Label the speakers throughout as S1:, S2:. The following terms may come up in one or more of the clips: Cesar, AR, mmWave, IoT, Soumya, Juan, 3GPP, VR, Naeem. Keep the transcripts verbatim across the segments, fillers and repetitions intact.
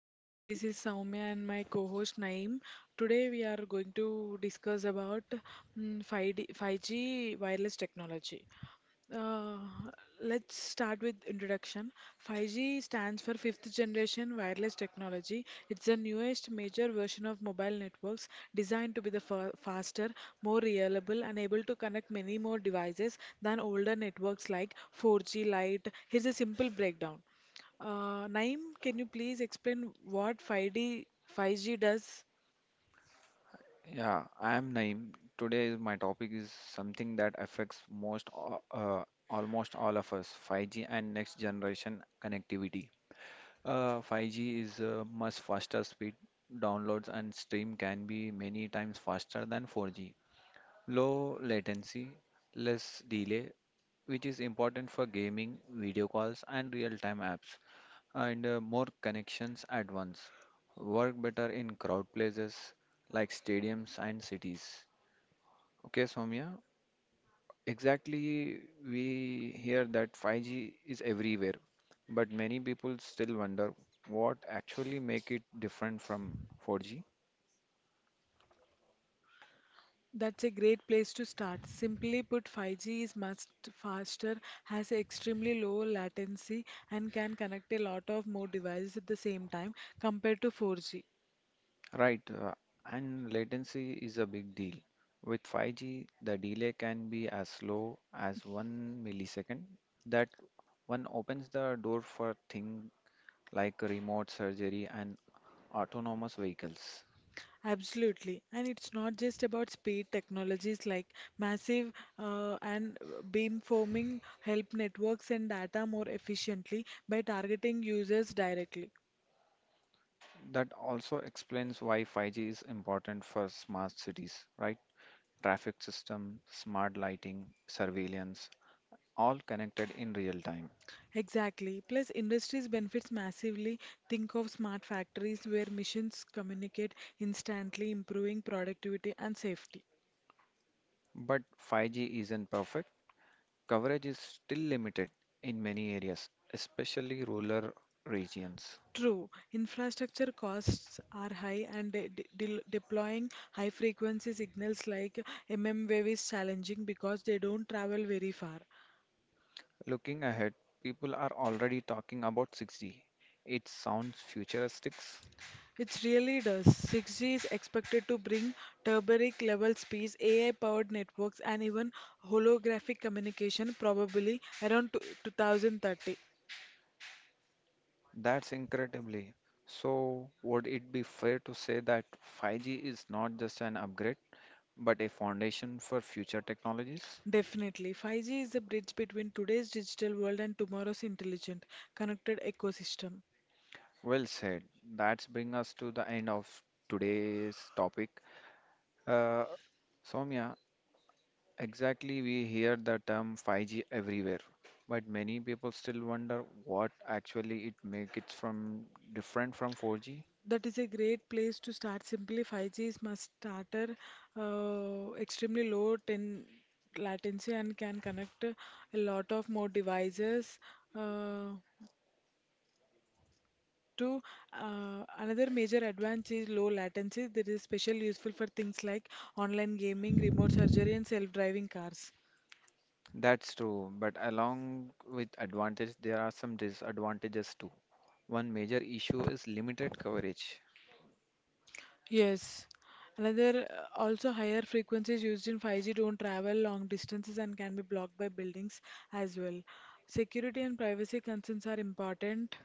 S1: everyone, this is Soumya and my co-host Naeem. Today we are going to discuss about mm, five D, five G wireless technology. Uh, let's start with introduction. five G stands for fifth generation wireless technology. It's the newest major version of mobile networks designed to be the fa- faster, more reliable and able to connect many more devices than older networks like four G Lite. Here's a simple breakdown. Uh, Naeem, can you please explain what five D five G does?
S2: Yeah, I am Naeem. Today is my topic is something that affects most a- uh, almost all of us, five G and next generation connectivity. Uh, five G is uh, much faster speed. Downloads and stream can be many times faster than four G. Low latency, less delay, which is important for gaming, video calls, and real-time apps, and uh, more connections at once. Work better in crowd places like stadiums and cities. Okay, Soumya, exactly. We hear that five G is everywhere, but many people still wonder what actually make it different from four G.
S1: That's a great place to start. Simply put, five G is much faster, has extremely low latency, and can connect a lot of more devices at the same time compared to four G.
S2: Right, uh, and latency is a big deal. With five G, the delay can be as slow as one millisecond. That one opens the door for things like remote surgery and autonomous vehicles.
S1: Absolutely. And it's not just about speed. Technologies like massive uh, and beamforming help networks and data more efficiently by targeting users directly.
S2: That also explains why five G is important for smart cities, right? Traffic system, smart lighting, surveillance, all connected in real time.
S1: Exactly. Plus, industries benefits massively. Think of smart factories where machines communicate instantly, improving productivity and safety.
S2: But five G isn't perfect. Coverage is still limited in many areas, especially rural regions.
S1: True, infrastructure costs are high, and de de del- deploying high-frequency signals like mm wave is challenging because they don't travel very far.
S2: Looking ahead, people are already talking about six G. It sounds futuristic.
S1: It really does. six G is expected to bring turbaric level speeds, A I-powered networks, and even holographic communication, probably around two thousand thirty.
S2: That's incredibly. So, would it be fair to say that five G is not just an upgrade? But a foundation for future technologies.
S1: Definitely. five G is a bridge between today's digital world and tomorrow's intelligent, connected ecosystem.
S2: Well said. That's bring us to the end of today's topic. Uh, Soumya, exactly we hear the term five G everywhere, but many people still wonder what actually it make it from different from four G.
S1: That is a great place to start. Simply five G is must starter, uh, extremely low ten latency and can connect a lot of more devices. Uh, to uh, another major advantage is low latency. That is special useful for things like online gaming, remote surgery, and self-driving cars.
S2: That's true, but along with advantage, there are some disadvantages too. One major issue is limited coverage.
S1: Yes. Another uh, also higher frequencies used in five G don't travel long distances and can be blocked by buildings as well. Security and privacy concerns are important.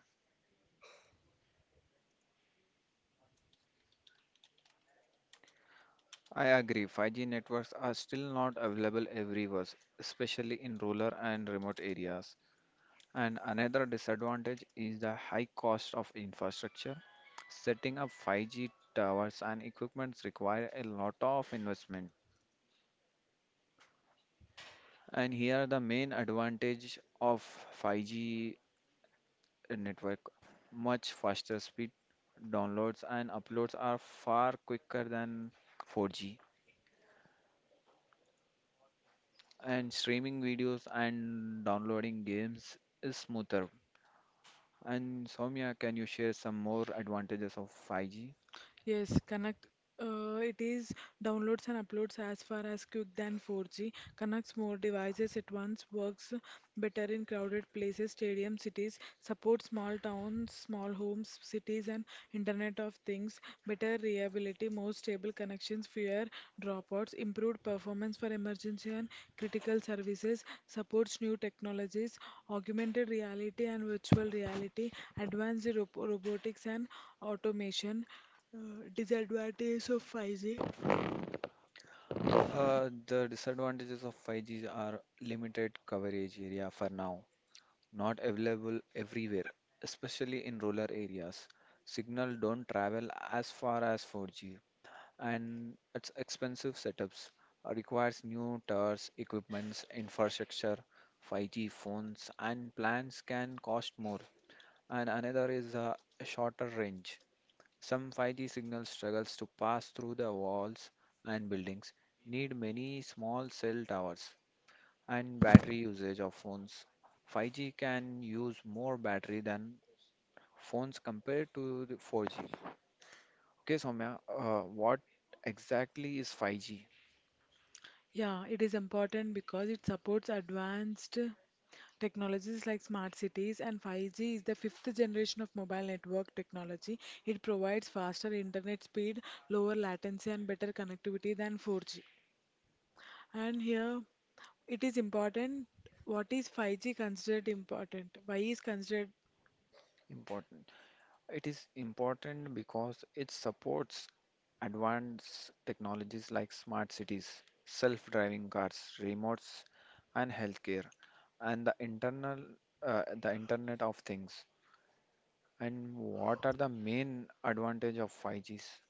S2: I agree, five G networks are still not available everywhere, especially in rural and remote areas. And another disadvantage is the high cost of infrastructure. Setting up five G towers and equipments require a lot of investment. And here the main advantage of five G network, much faster speed, downloads and uploads are far quicker than four G and streaming videos and downloading games is smoother. And Soumya, can you share some more advantages of five G?
S1: Yes, Connect. Uh, it is downloads and uploads as far as quick than four G, connects more devices at once, works better in crowded places, stadiums, cities, supports small towns, small homes, cities, and Internet of Things, better reliability, more stable connections, fewer dropouts, improved performance for emergency and critical services, supports new technologies, augmented reality and virtual reality, advanced ro- robotics and automation. Uh, disadvantages of five G.
S2: Uh, the disadvantages of five G are limited coverage area for now, not available everywhere, especially in rural areas. Signal don't travel as far as four G, and it's expensive setups, uh, requires new towers, equipments, infrastructure. five G phones and plans can cost more, and another is uh, a shorter range. Some five G signal struggles to pass through the walls and buildings, need many small cell towers, and battery usage of phones. five G can use more battery than phones compared to the four G. Okay, Soumya, uh, what exactly is five G
S1: Yeah, it is important because it supports advanced technologies like smart cities and five G is the fifth generation of mobile network technology. It provides faster internet speed, lower latency and better connectivity than four G. And here it is important, what is five G considered important? Why is considered?
S2: important? It is important because it supports advanced technologies like smart cities, self driving cars, remotes, and healthcare, and the internal uh, the Internet of Things. And what are the main advantage of five Gs?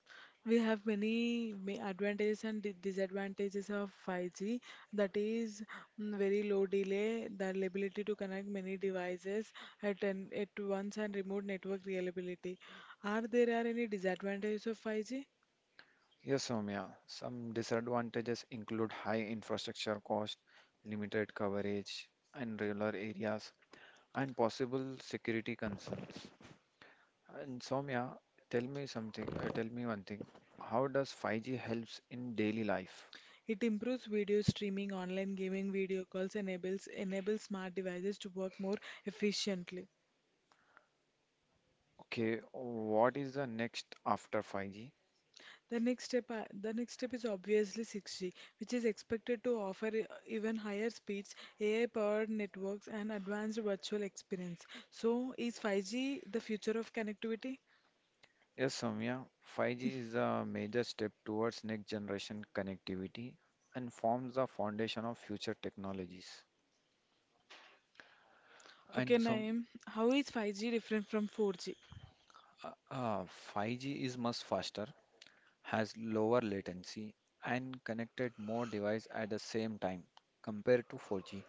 S1: We have many ma- advantages and di- disadvantages of five G. That is mm, very low delay, the ability to connect many devices at an, at once, and remote network reliability. Are there are any disadvantages of five G?
S2: Yes, Soumya. Some disadvantages include high infrastructure cost, limited coverage in rural areas, and possible security concerns. And Soumya, tell me something. Uh, tell me one thing. How does five G helps in daily life?
S1: It improves video streaming, online gaming, video calls, enables enables smart devices to work more efficiently.
S2: Okay, what is the next after five G?
S1: The next step, are- the next step is obviously six G, which is expected to offer e- even higher speeds, A I-powered networks, and advanced virtual experience. So, is five G the future of connectivity?
S2: Yes, Soumya, five G is a major step towards next generation connectivity and forms the foundation of future technologies.
S1: Okay,
S2: And some
S1: Naeem, how is five G different from four G?
S2: uh, uh, five G is much faster, has lower latency, and connected more device at the same time compared to four G.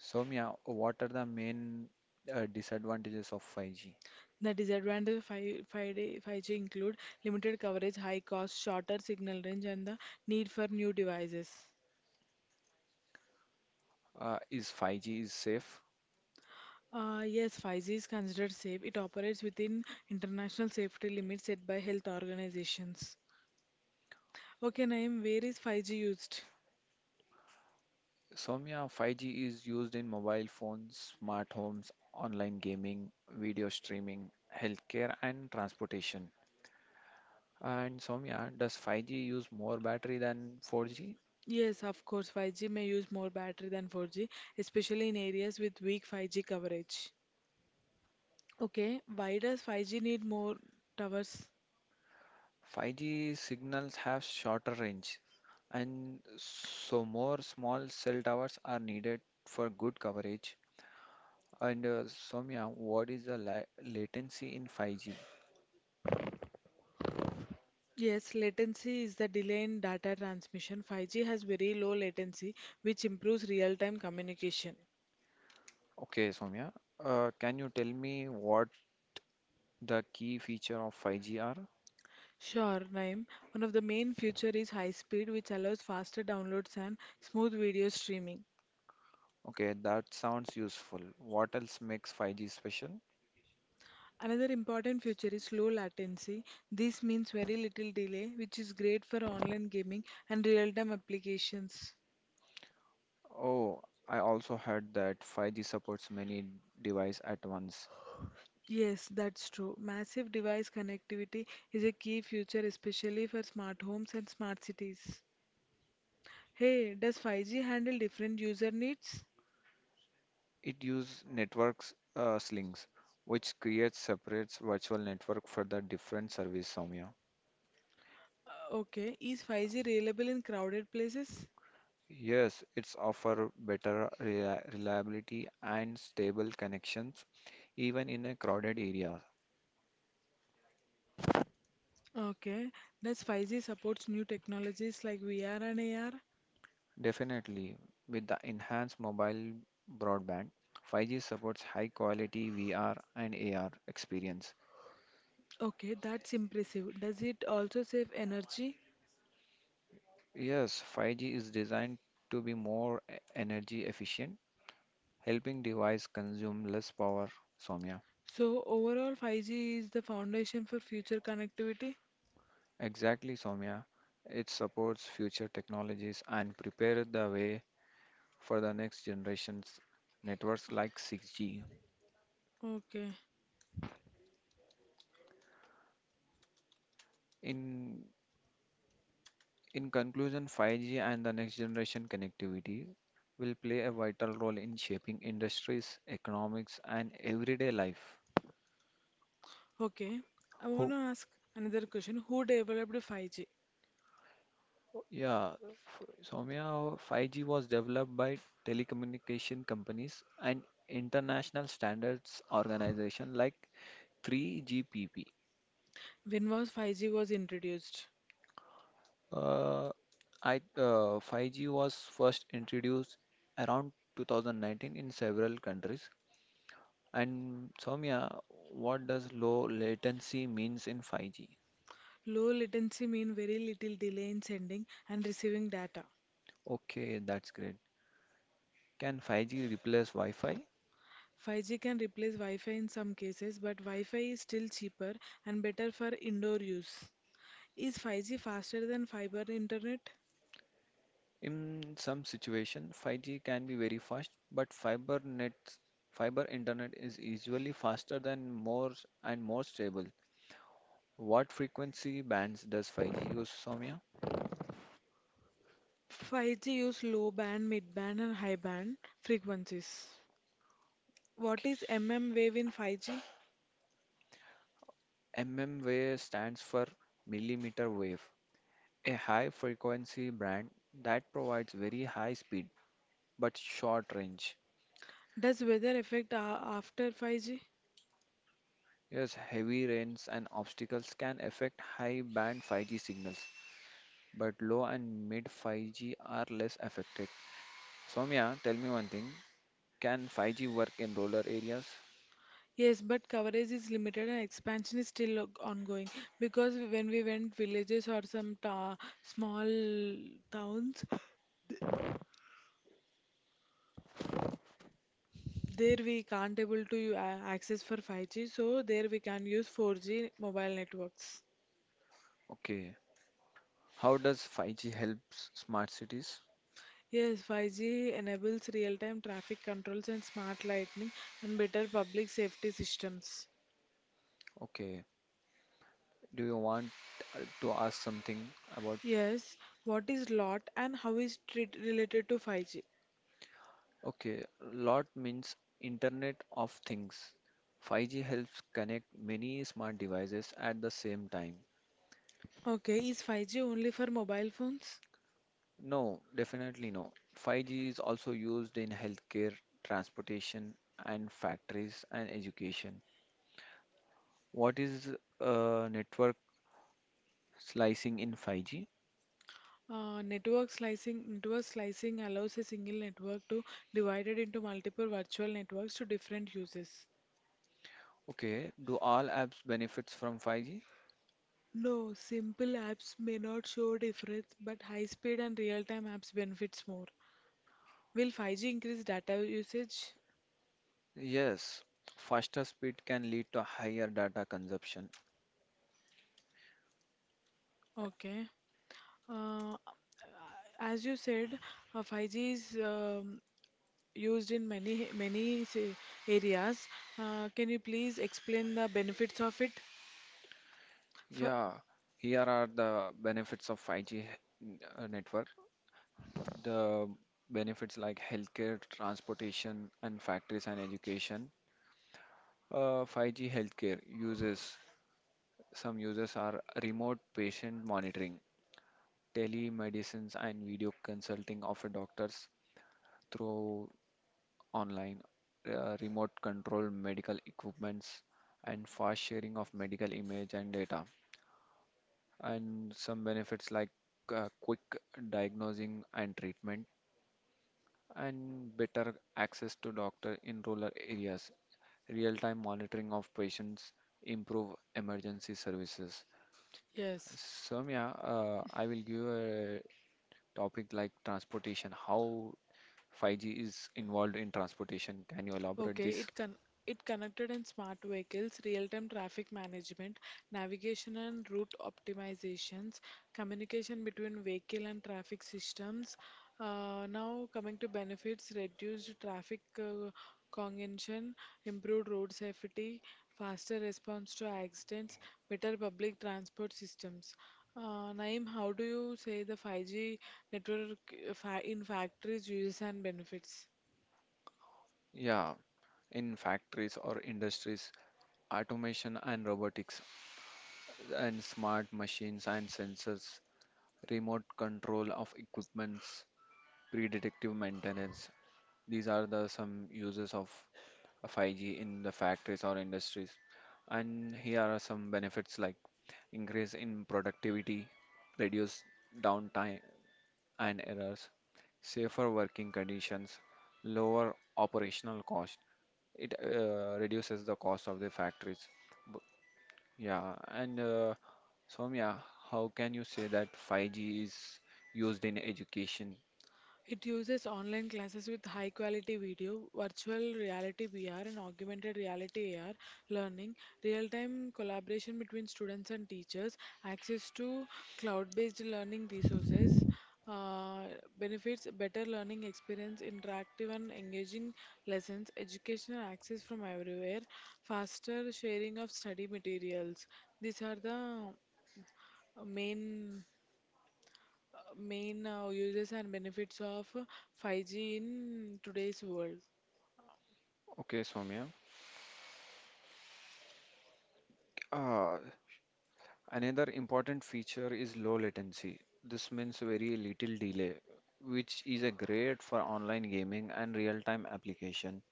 S2: Soumya, what are the main uh, disadvantages of five G?
S1: The disadvantage of five, five G five G include limited coverage, high cost, shorter signal range, and the need for new devices.
S2: Uh, is five G is safe?
S1: Uh, yes, five G is considered safe. It operates within international safety limits set by health organizations. Okay, Naeem, where is five G used?
S2: Soumya, five G is used in mobile phones, smart homes, online gaming, video streaming, healthcare, and transportation. And Soumya, does five G use more battery than four G?
S1: Yes, of course, five G may use more battery than four G, especially in areas with weak five G coverage. Okay, why does five G need more towers?
S2: five G signals have shorter range, and so more small cell towers are needed for good coverage. And uh, Soumya, what is the la latency in five G?
S1: Yes, latency is the delay in data transmission. five G has very low latency, which improves real-time communication.
S2: Okay, Soumya, uh, can you tell me what the key feature of five G are?
S1: Sure, Naeem. One of the main feature is high speed, which allows faster downloads and smooth video streaming.
S2: Okay, that sounds useful. What else makes five G special?
S1: Another important feature is low latency. This means very little delay, which is great for online gaming and real-time applications.
S2: Oh, I also heard that five G supports many devices at once.
S1: Yes, that's true. Massive device connectivity is a key feature, especially for smart homes and smart cities. Hey, does five G handle different user needs?
S2: It uses networks uh, slings, which creates separate virtual network for the different service, Soumya.
S1: Uh, Okay, is five G reliable in crowded places?
S2: Yes, it's offer better reli- reliability and stable connections even in a crowded area.
S1: Okay, does five G supports new technologies like V R and A R?
S2: Definitely, with the enhanced mobile broadband, five G supports high quality V R and A R experience.
S1: Okay, that's impressive. Does it also save energy?
S2: Yes, five G is designed to be more e- energy efficient, helping device consume less power, Soumya.
S1: So overall, five G is the foundation for future connectivity.
S2: Exactly, Soumya. It supports future technologies and prepares the way for the next generation's networks like six G.
S1: Okay.
S2: In In conclusion, five G and the next generation connectivity will play a vital role in shaping industries, economics, and everyday life.
S1: Okay. I want
S2: Who,
S1: to ask another question. Who developed five G?
S2: yeah, f- Soumya, five G was developed by telecommunication companies and international standards organization like three G P P.
S1: When was five G was introduced?
S2: Uh, I, uh, five G was first introduced around twenty nineteen in several countries. And Soumya, what does low latency means in five G?
S1: Low latency mean very little delay in sending and receiving data.
S2: Okay, that's great. Can five G replace Wi-Fi?
S1: five G can replace Wi-Fi in some cases, but Wi-Fi is still cheaper and better for indoor use. Is five G faster than fiber internet?
S2: In some situation, five G can be very fast, but fiber nets, fiber internet is usually faster than more and more stable. What frequency bands does five G use, Soumya?
S1: five G use low band, mid band and high band frequencies. What is mm wave in five G?
S2: Mm wave stands for millimeter wave, a high frequency band that provides very high speed but short range.
S1: Does weather affect a- after five G?
S2: Yes, heavy rains and obstacles can affect high band five G signals, but low and mid five G are less affected. Soumya, tell me one thing. Can five G work in rural areas?
S1: Yes, but coverage is limited and expansion is still o- ongoing because when we went villages or some ta small towns, there we can't able to uh, access for five G, so there we can use four G mobile networks.
S2: Okay. How does five G help s- smart cities?
S1: Yes, five G enables real-time traffic controls and smart lighting and better public safety systems.
S2: Okay. Do you want uh, to ask something about?
S1: Yes, what is L O T and how is it related to five G?
S2: Okay. Lot means Internet of Things. five G helps connect many smart devices at the same time.
S1: Okay, is five G only for mobile phones?
S2: No, definitely no. five G is also used in healthcare, transportation, and factories and education. What is uh, network slicing in five G?
S1: Uh, network slicing network slicing allows a single network to divide it into multiple virtual networks to different uses.
S2: Okay, do all apps benefits from five G?
S1: No, simple apps may not show difference, but high-speed and real-time apps benefits more. Will five G increase data usage?
S2: Yes, faster speed can lead to higher data consumption.
S1: Okay. Uh, as you said, uh, five G is um, used in many many se- areas. Uh, can you please explain the benefits of it? For,
S2: Yeah, here are the benefits of five G n- uh, network. The benefits like healthcare, transportation, and factories and education. Uh, five G healthcare uses some users are remote patient monitoring, telemedicines, and video consulting of a doctors through online uh, remote control medical equipments and fast sharing of medical image and data. And some benefits like uh, quick diagnosing and treatment and better access to doctor in rural areas, real-time monitoring of patients, improve emergency services.
S1: yes.
S2: Soumya, uh, I will give a topic like transportation, how five G is involved in transportation. Can you elaborate
S1: Okay,
S2: this?
S1: it con it connected and smart vehicles, real-time traffic management, navigation and route optimizations, communication between vehicle and traffic systems. Uh, now coming to benefits, reduced traffic uh, congestion, improved road safety, faster response to accidents, better public transport systems. Uh, Naeem, how do you say the five G network uh, fa in factories uses and benefits?
S2: Yeah, in factories or industries, automation and robotics and smart machines and sensors, remote control of equipments, predictive maintenance. These are the some uses of five G in the factories or industries. And here are some benefits like increase in productivity, reduce downtime, and errors, safer working conditions, lower operational cost. It uh, reduces the cost of the factories. B- Yeah, and uh, Soumya, how can you say that five G is used in education?
S1: It uses online classes with high quality video, virtual reality V R, and augmented reality A R learning, real time collaboration between students and teachers, access to cloud based learning resources. Uh, benefits better learning experience, interactive and engaging lessons, educational access from everywhere, faster sharing of study materials. These are the main uh, main uh, uses and benefits of five G in today's world.
S2: Okay, Soumya. Uh, another important feature is low latency. This means very little delay, which is a great for online gaming and real-time applications.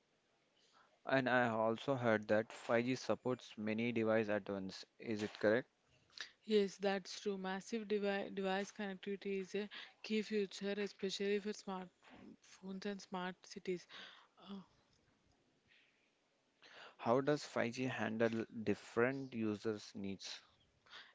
S2: And I also heard that five G supports many devices at once. Is it correct?
S1: Yes, that's true. Massive devi device connectivity is a key feature, especially for smartphones and smart cities. Uh,
S2: How does five G handle different users' needs?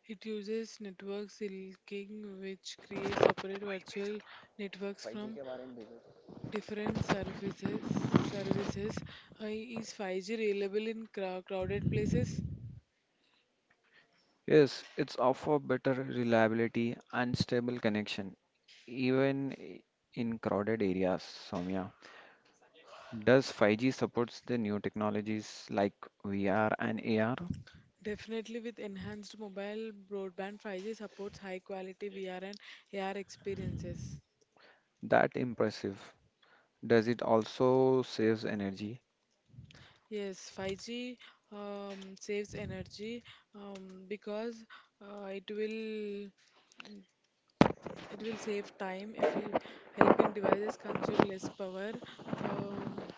S1: it uses network silking, which creates separate virtual networks
S2: five G
S1: from
S2: के बारे में भेजो तो
S1: different services. Services uh, Is five G reliable in crow- crowded places?
S2: Yes, it's offer better reliability and stable connection, even i- in crowded areas, Soumya. Does five G supports the new technologies like V R and A R?
S1: Definitely, with enhanced mobile broadband, five G supports high quality V R and A R experiences.
S2: That impressive. Does it also saves energy?
S1: Yes, five G um, saves energy um, because uh, it will it will save time if it- helping devices consume less power, um,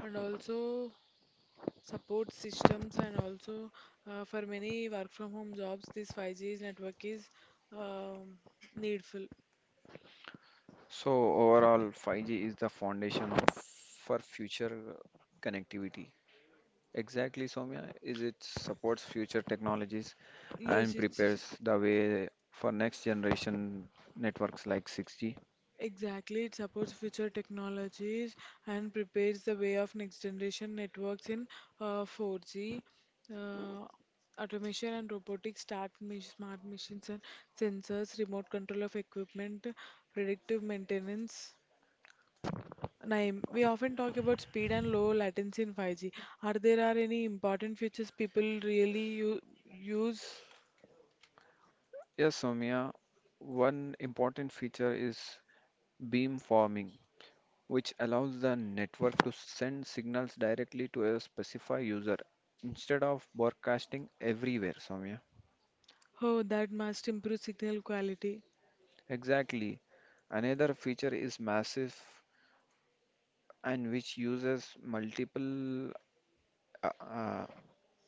S1: and also support systems, and also uh, for many work from home jobs, this five G network is um, needful.
S2: So overall, five G is the foundation of for future connectivity. Exactly, Soumya, is it supports future technologies
S1: Yes,
S2: and
S1: it's
S2: prepares the way for next generation networks like six G.
S1: exactly. It supports future technologies and prepares the way of next generation networks in uh, four G. Uh, automation and robotics, start mi- smart machines and sensors, remote control of equipment, predictive maintenance. Naeem, we often talk about speed and low latency in five G. Are there are any important features people really u- use?
S2: Yes, Soumya, one important feature is beamforming, which allows the network to send signals directly to a specified user instead of broadcasting everywhere, Soumya.
S1: Oh, that must improve signal quality.
S2: Exactly. Another feature is massive and which uses multiple uh, uh,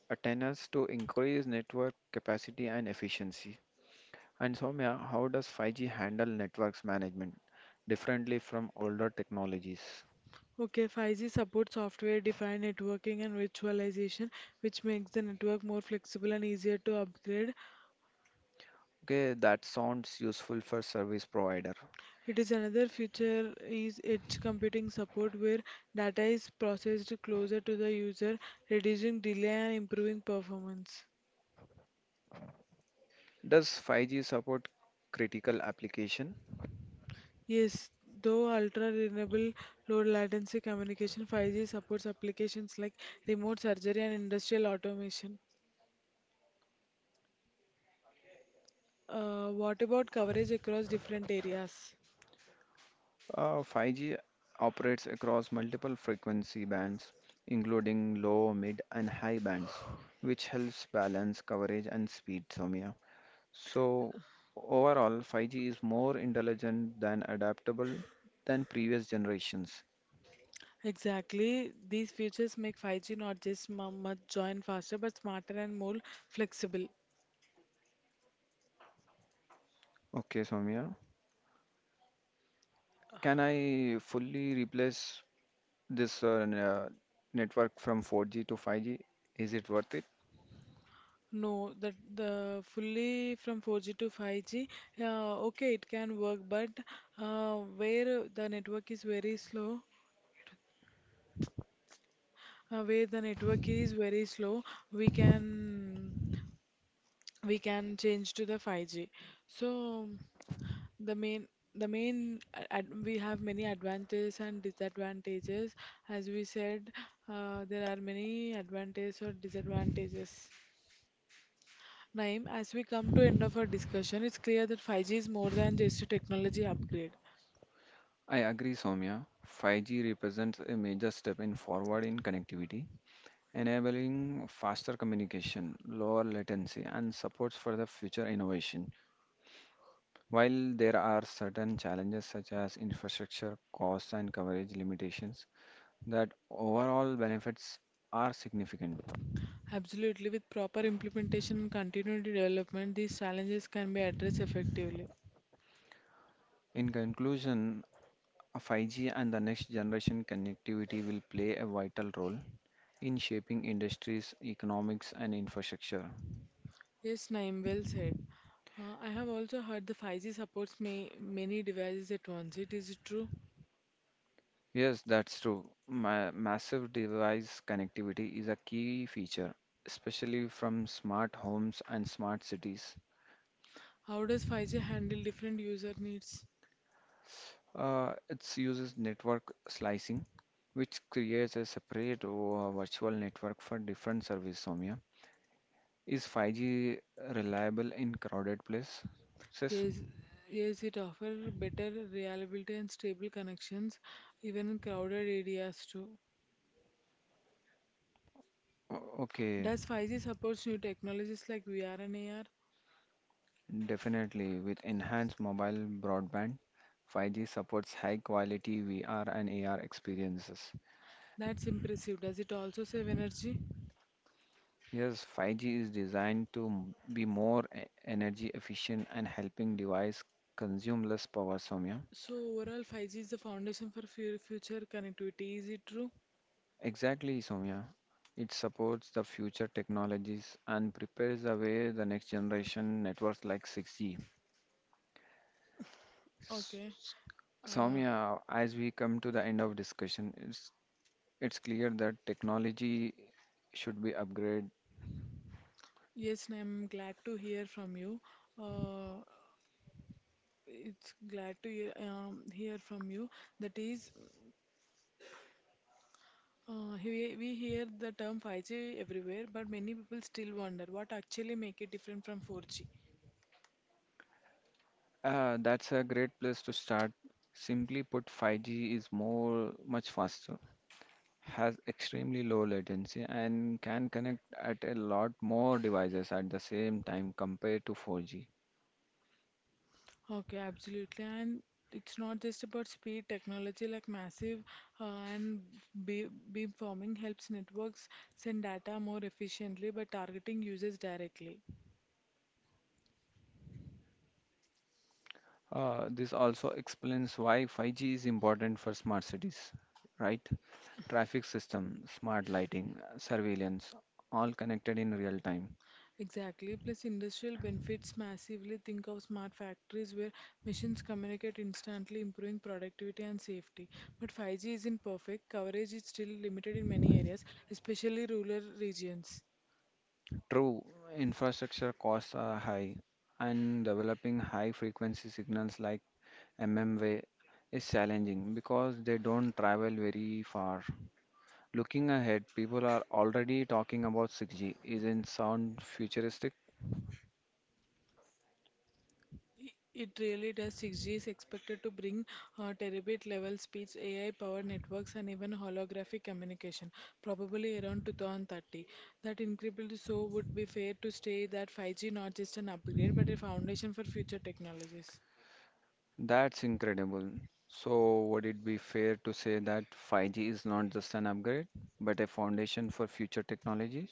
S2: antennas to increase network capacity and efficiency. And Soumya, how does five G handle networks management differently from older technologies?
S1: Okay, five G supports software-defined networking and virtualization, which makes the network more flexible and easier to upgrade.
S2: Okay, that sounds useful for service provider.
S1: It is another feature is edge computing support where data is processed closer to the user, reducing delay and improving performance.
S2: Does five G support critical application?
S1: Yes, though ultra-reliable low-latency communication, five G supports applications like remote surgery and industrial automation. Uh, what about coverage across different areas?
S2: Uh, five G operates across multiple frequency bands, including low, mid, and high bands, which helps balance coverage and speed, Soumya. So overall, five G is more intelligent than adaptable than previous generations.
S1: Exactly. These features make five G not just mu- much join faster, but smarter and more flexible.
S2: Okay, Soumya. Can I fully replace this uh, n- uh, network from four G to five G? Is it worth it?
S1: No, that the fully from four G to five G, uh, okay, it can work, but uh, where the network is very slow, uh, where the network is very slow, we can we can change to the five G. So the main the main a- ad, we have many advantages and disadvantages. As we said, uh, there are many advantages or disadvantages. Naeem, as we come to end of our discussion, it's clear that five G is more than just a technology upgrade.
S2: I agree, Soumya. five G represents a major step in forward in connectivity, enabling faster communication, lower latency, and supports for the future innovation. While there are certain challenges such as infrastructure, costs, and coverage limitations, that overall benefits are significant.
S1: Absolutely, with proper implementation and continued development, these challenges can be addressed effectively.
S2: In conclusion, five G and the next generation connectivity will play a vital role in shaping industries, economics, and infrastructure.
S1: Yes, Naeem, well said. Uh, I have also heard the five G supports may, many devices at once. It is true.
S2: Yes, that's true. Ma- massive device connectivity is a key feature, especially from smart homes and smart cities.
S1: How does five G handle different user needs?
S2: Uh, it uses network slicing, which creates a separate uh, virtual network for different service, Soumya. Is five G reliable in crowded places?
S1: Yes, yes, it offers better reliability and stable connections, even in crowded areas too.
S2: O- Okay,
S1: Does five G supports new technologies like V R and A R?
S2: definitely. With enhanced mobile broadband, five G supports high quality V R and A R experiences.
S1: That's impressive. Does it also save energy?
S2: Yes, five G is designed to m- be more e- energy efficient and helping device consume less power, Soumya.
S1: So overall, five G is the foundation for fu- future connectivity. Is it true?
S2: Exactly, Soumya. It supports the future technologies and prepares the way the next generation networks like six G.
S1: Okay.
S2: S-
S1: Uh,
S2: Soumya, as we come to the end of discussion, it's it's clear that technology should be upgraded.
S1: yes, I'm glad to hear from you. Uh, it's glad to hear, um, hear from you. That is, uh, we, we hear the term five G everywhere, but many people still wonder what actually make it different from four G.
S2: Uh, that's a great place to start. Simply put, five G is more much faster, has extremely low latency, and can connect at a lot more devices at the same time compared to four G.
S1: Okay, absolutely. And it's not just about speed. Technology like massive uh, and be- beamforming helps networks send data more efficiently by targeting users directly.
S2: Uh, this also explains why five G is important for smart cities, right? Traffic system, smart lighting, surveillance, all connected in real time.
S1: Exactly. Plus, industrial benefits massively. Think of smart factories where machines communicate instantly, improving productivity and safety. But five G isn't perfect. Coverage is still limited in many areas, especially rural regions.
S2: True, infrastructure costs are high, and developing high frequency signals like mmWave is challenging because they don't travel very far. Looking ahead, people are already talking about six G. Isn't sound futuristic?
S1: I- It really does. six G is expected to bring uh, terabit level speeds, A I powered networks, and even holographic communication, probably around two thousand thirty. That incrementally so would be fair to say that five G not just an upgrade, but a foundation for future technologies.
S2: That's incredible. So, would it be fair to say that five G is not just an upgrade, but a foundation for future technologies?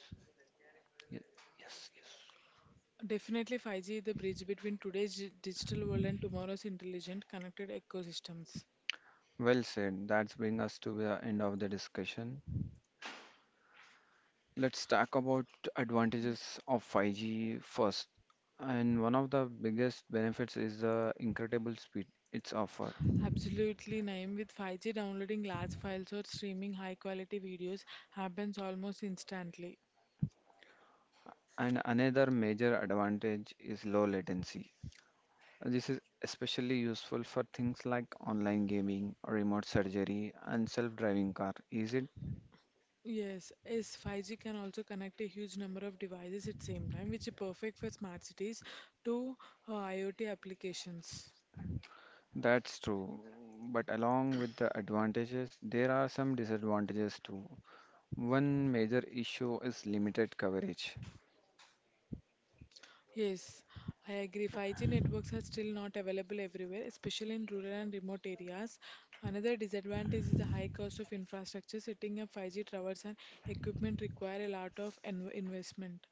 S2: Ye- Yes, yes.
S1: Definitely five G is the bridge between today's gi- digital world and tomorrow's intelligent connected ecosystems.
S2: Well said. That's bring us to the end of the discussion. Let's talk about advantages of five G first. And one of the biggest benefits is the incredible speed it's offer.
S1: Absolutely, Naeem. With five G, downloading large files or streaming high quality videos happens almost instantly.
S2: And another major advantage is low latency. This is especially useful for things like online gaming, remote surgery, and self-driving car. Is it?
S1: Yes, yes, five G can also connect a huge number of devices at the same time, which is perfect for smart cities to uh, IoT applications.
S2: That's true. But along with the advantages, there are some disadvantages too. One major issue is limited coverage.
S1: Yes, I agree. five G networks are still not available everywhere, especially in rural and remote areas. Another disadvantage is the high cost of infrastructure. Setting up five G towers and equipment require a lot of en- investment.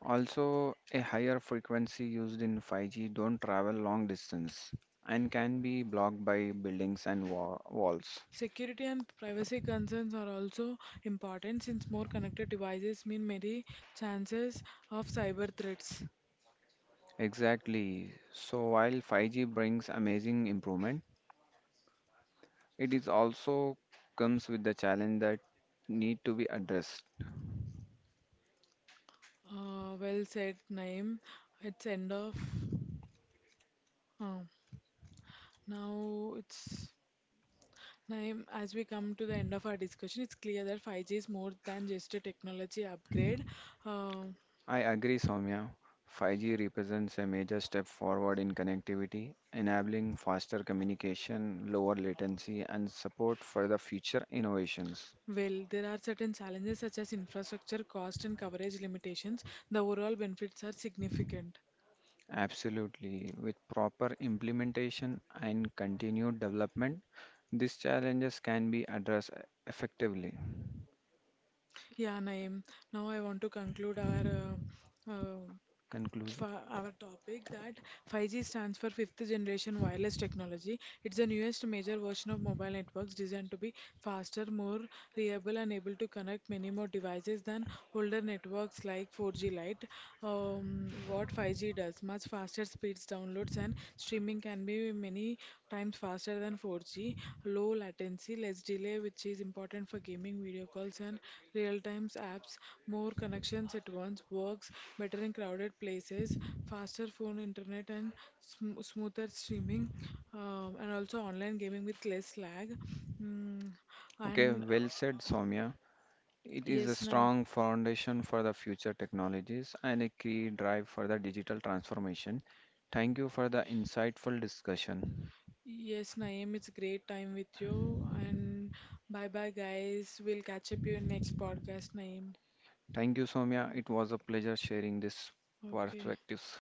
S2: Also, a higher frequency used in five G don't travel long distance and can be blocked by buildings and wa- walls.
S1: Security and privacy concerns are also important since more connected devices mean many chances of cyber threats.
S2: Exactly. So while five G brings amazing improvement, it is also comes with the challenge that need to be addressed.
S1: Uh, well said, Naim. It's end of. Uh, now it's Naeem, as we come to the end of our discussion, it's clear that five G is more than just a technology upgrade. Uh,
S2: I agree, Soumya. five G represents a major step forward in connectivity, enabling faster communication, lower latency, and support for the future innovations.
S1: well, there are certain challenges such as infrastructure, cost, and coverage limitations. The overall benefits are significant.
S2: Absolutely. With proper implementation and continued development, these challenges can be addressed effectively.
S1: Yeah, Naeem, now I want to conclude our uh, uh,
S2: Conclusion.
S1: for our topic that five G stands for fifth generation wireless technology. It's the newest major version of mobile networks designed to be faster, more reliable, and able to connect many more devices than older networks like four G Lite. Um, what five G does much faster speeds, downloads, and streaming can be many times faster than four G, low latency, less delay, which is important for gaming, video calls, and real-time apps. More connections at once works better in crowded places, faster phone internet, and sm smoother streaming, um, and also online gaming with less lag. Mm,
S2: Okay,
S1: and
S2: well said,
S1: uh,
S2: Soumya. It is a
S1: yes, nice.
S2: strong foundation for the future technologies and a key drive for the digital transformation. Thank you for the insightful discussion.
S1: Yes, Naeem, it's great time with you. And bye bye, guys. We'll catch up you in next podcast, Naeem.
S2: Thank you, Somya. It was a pleasure sharing these
S1: Okay.
S2: perspectives.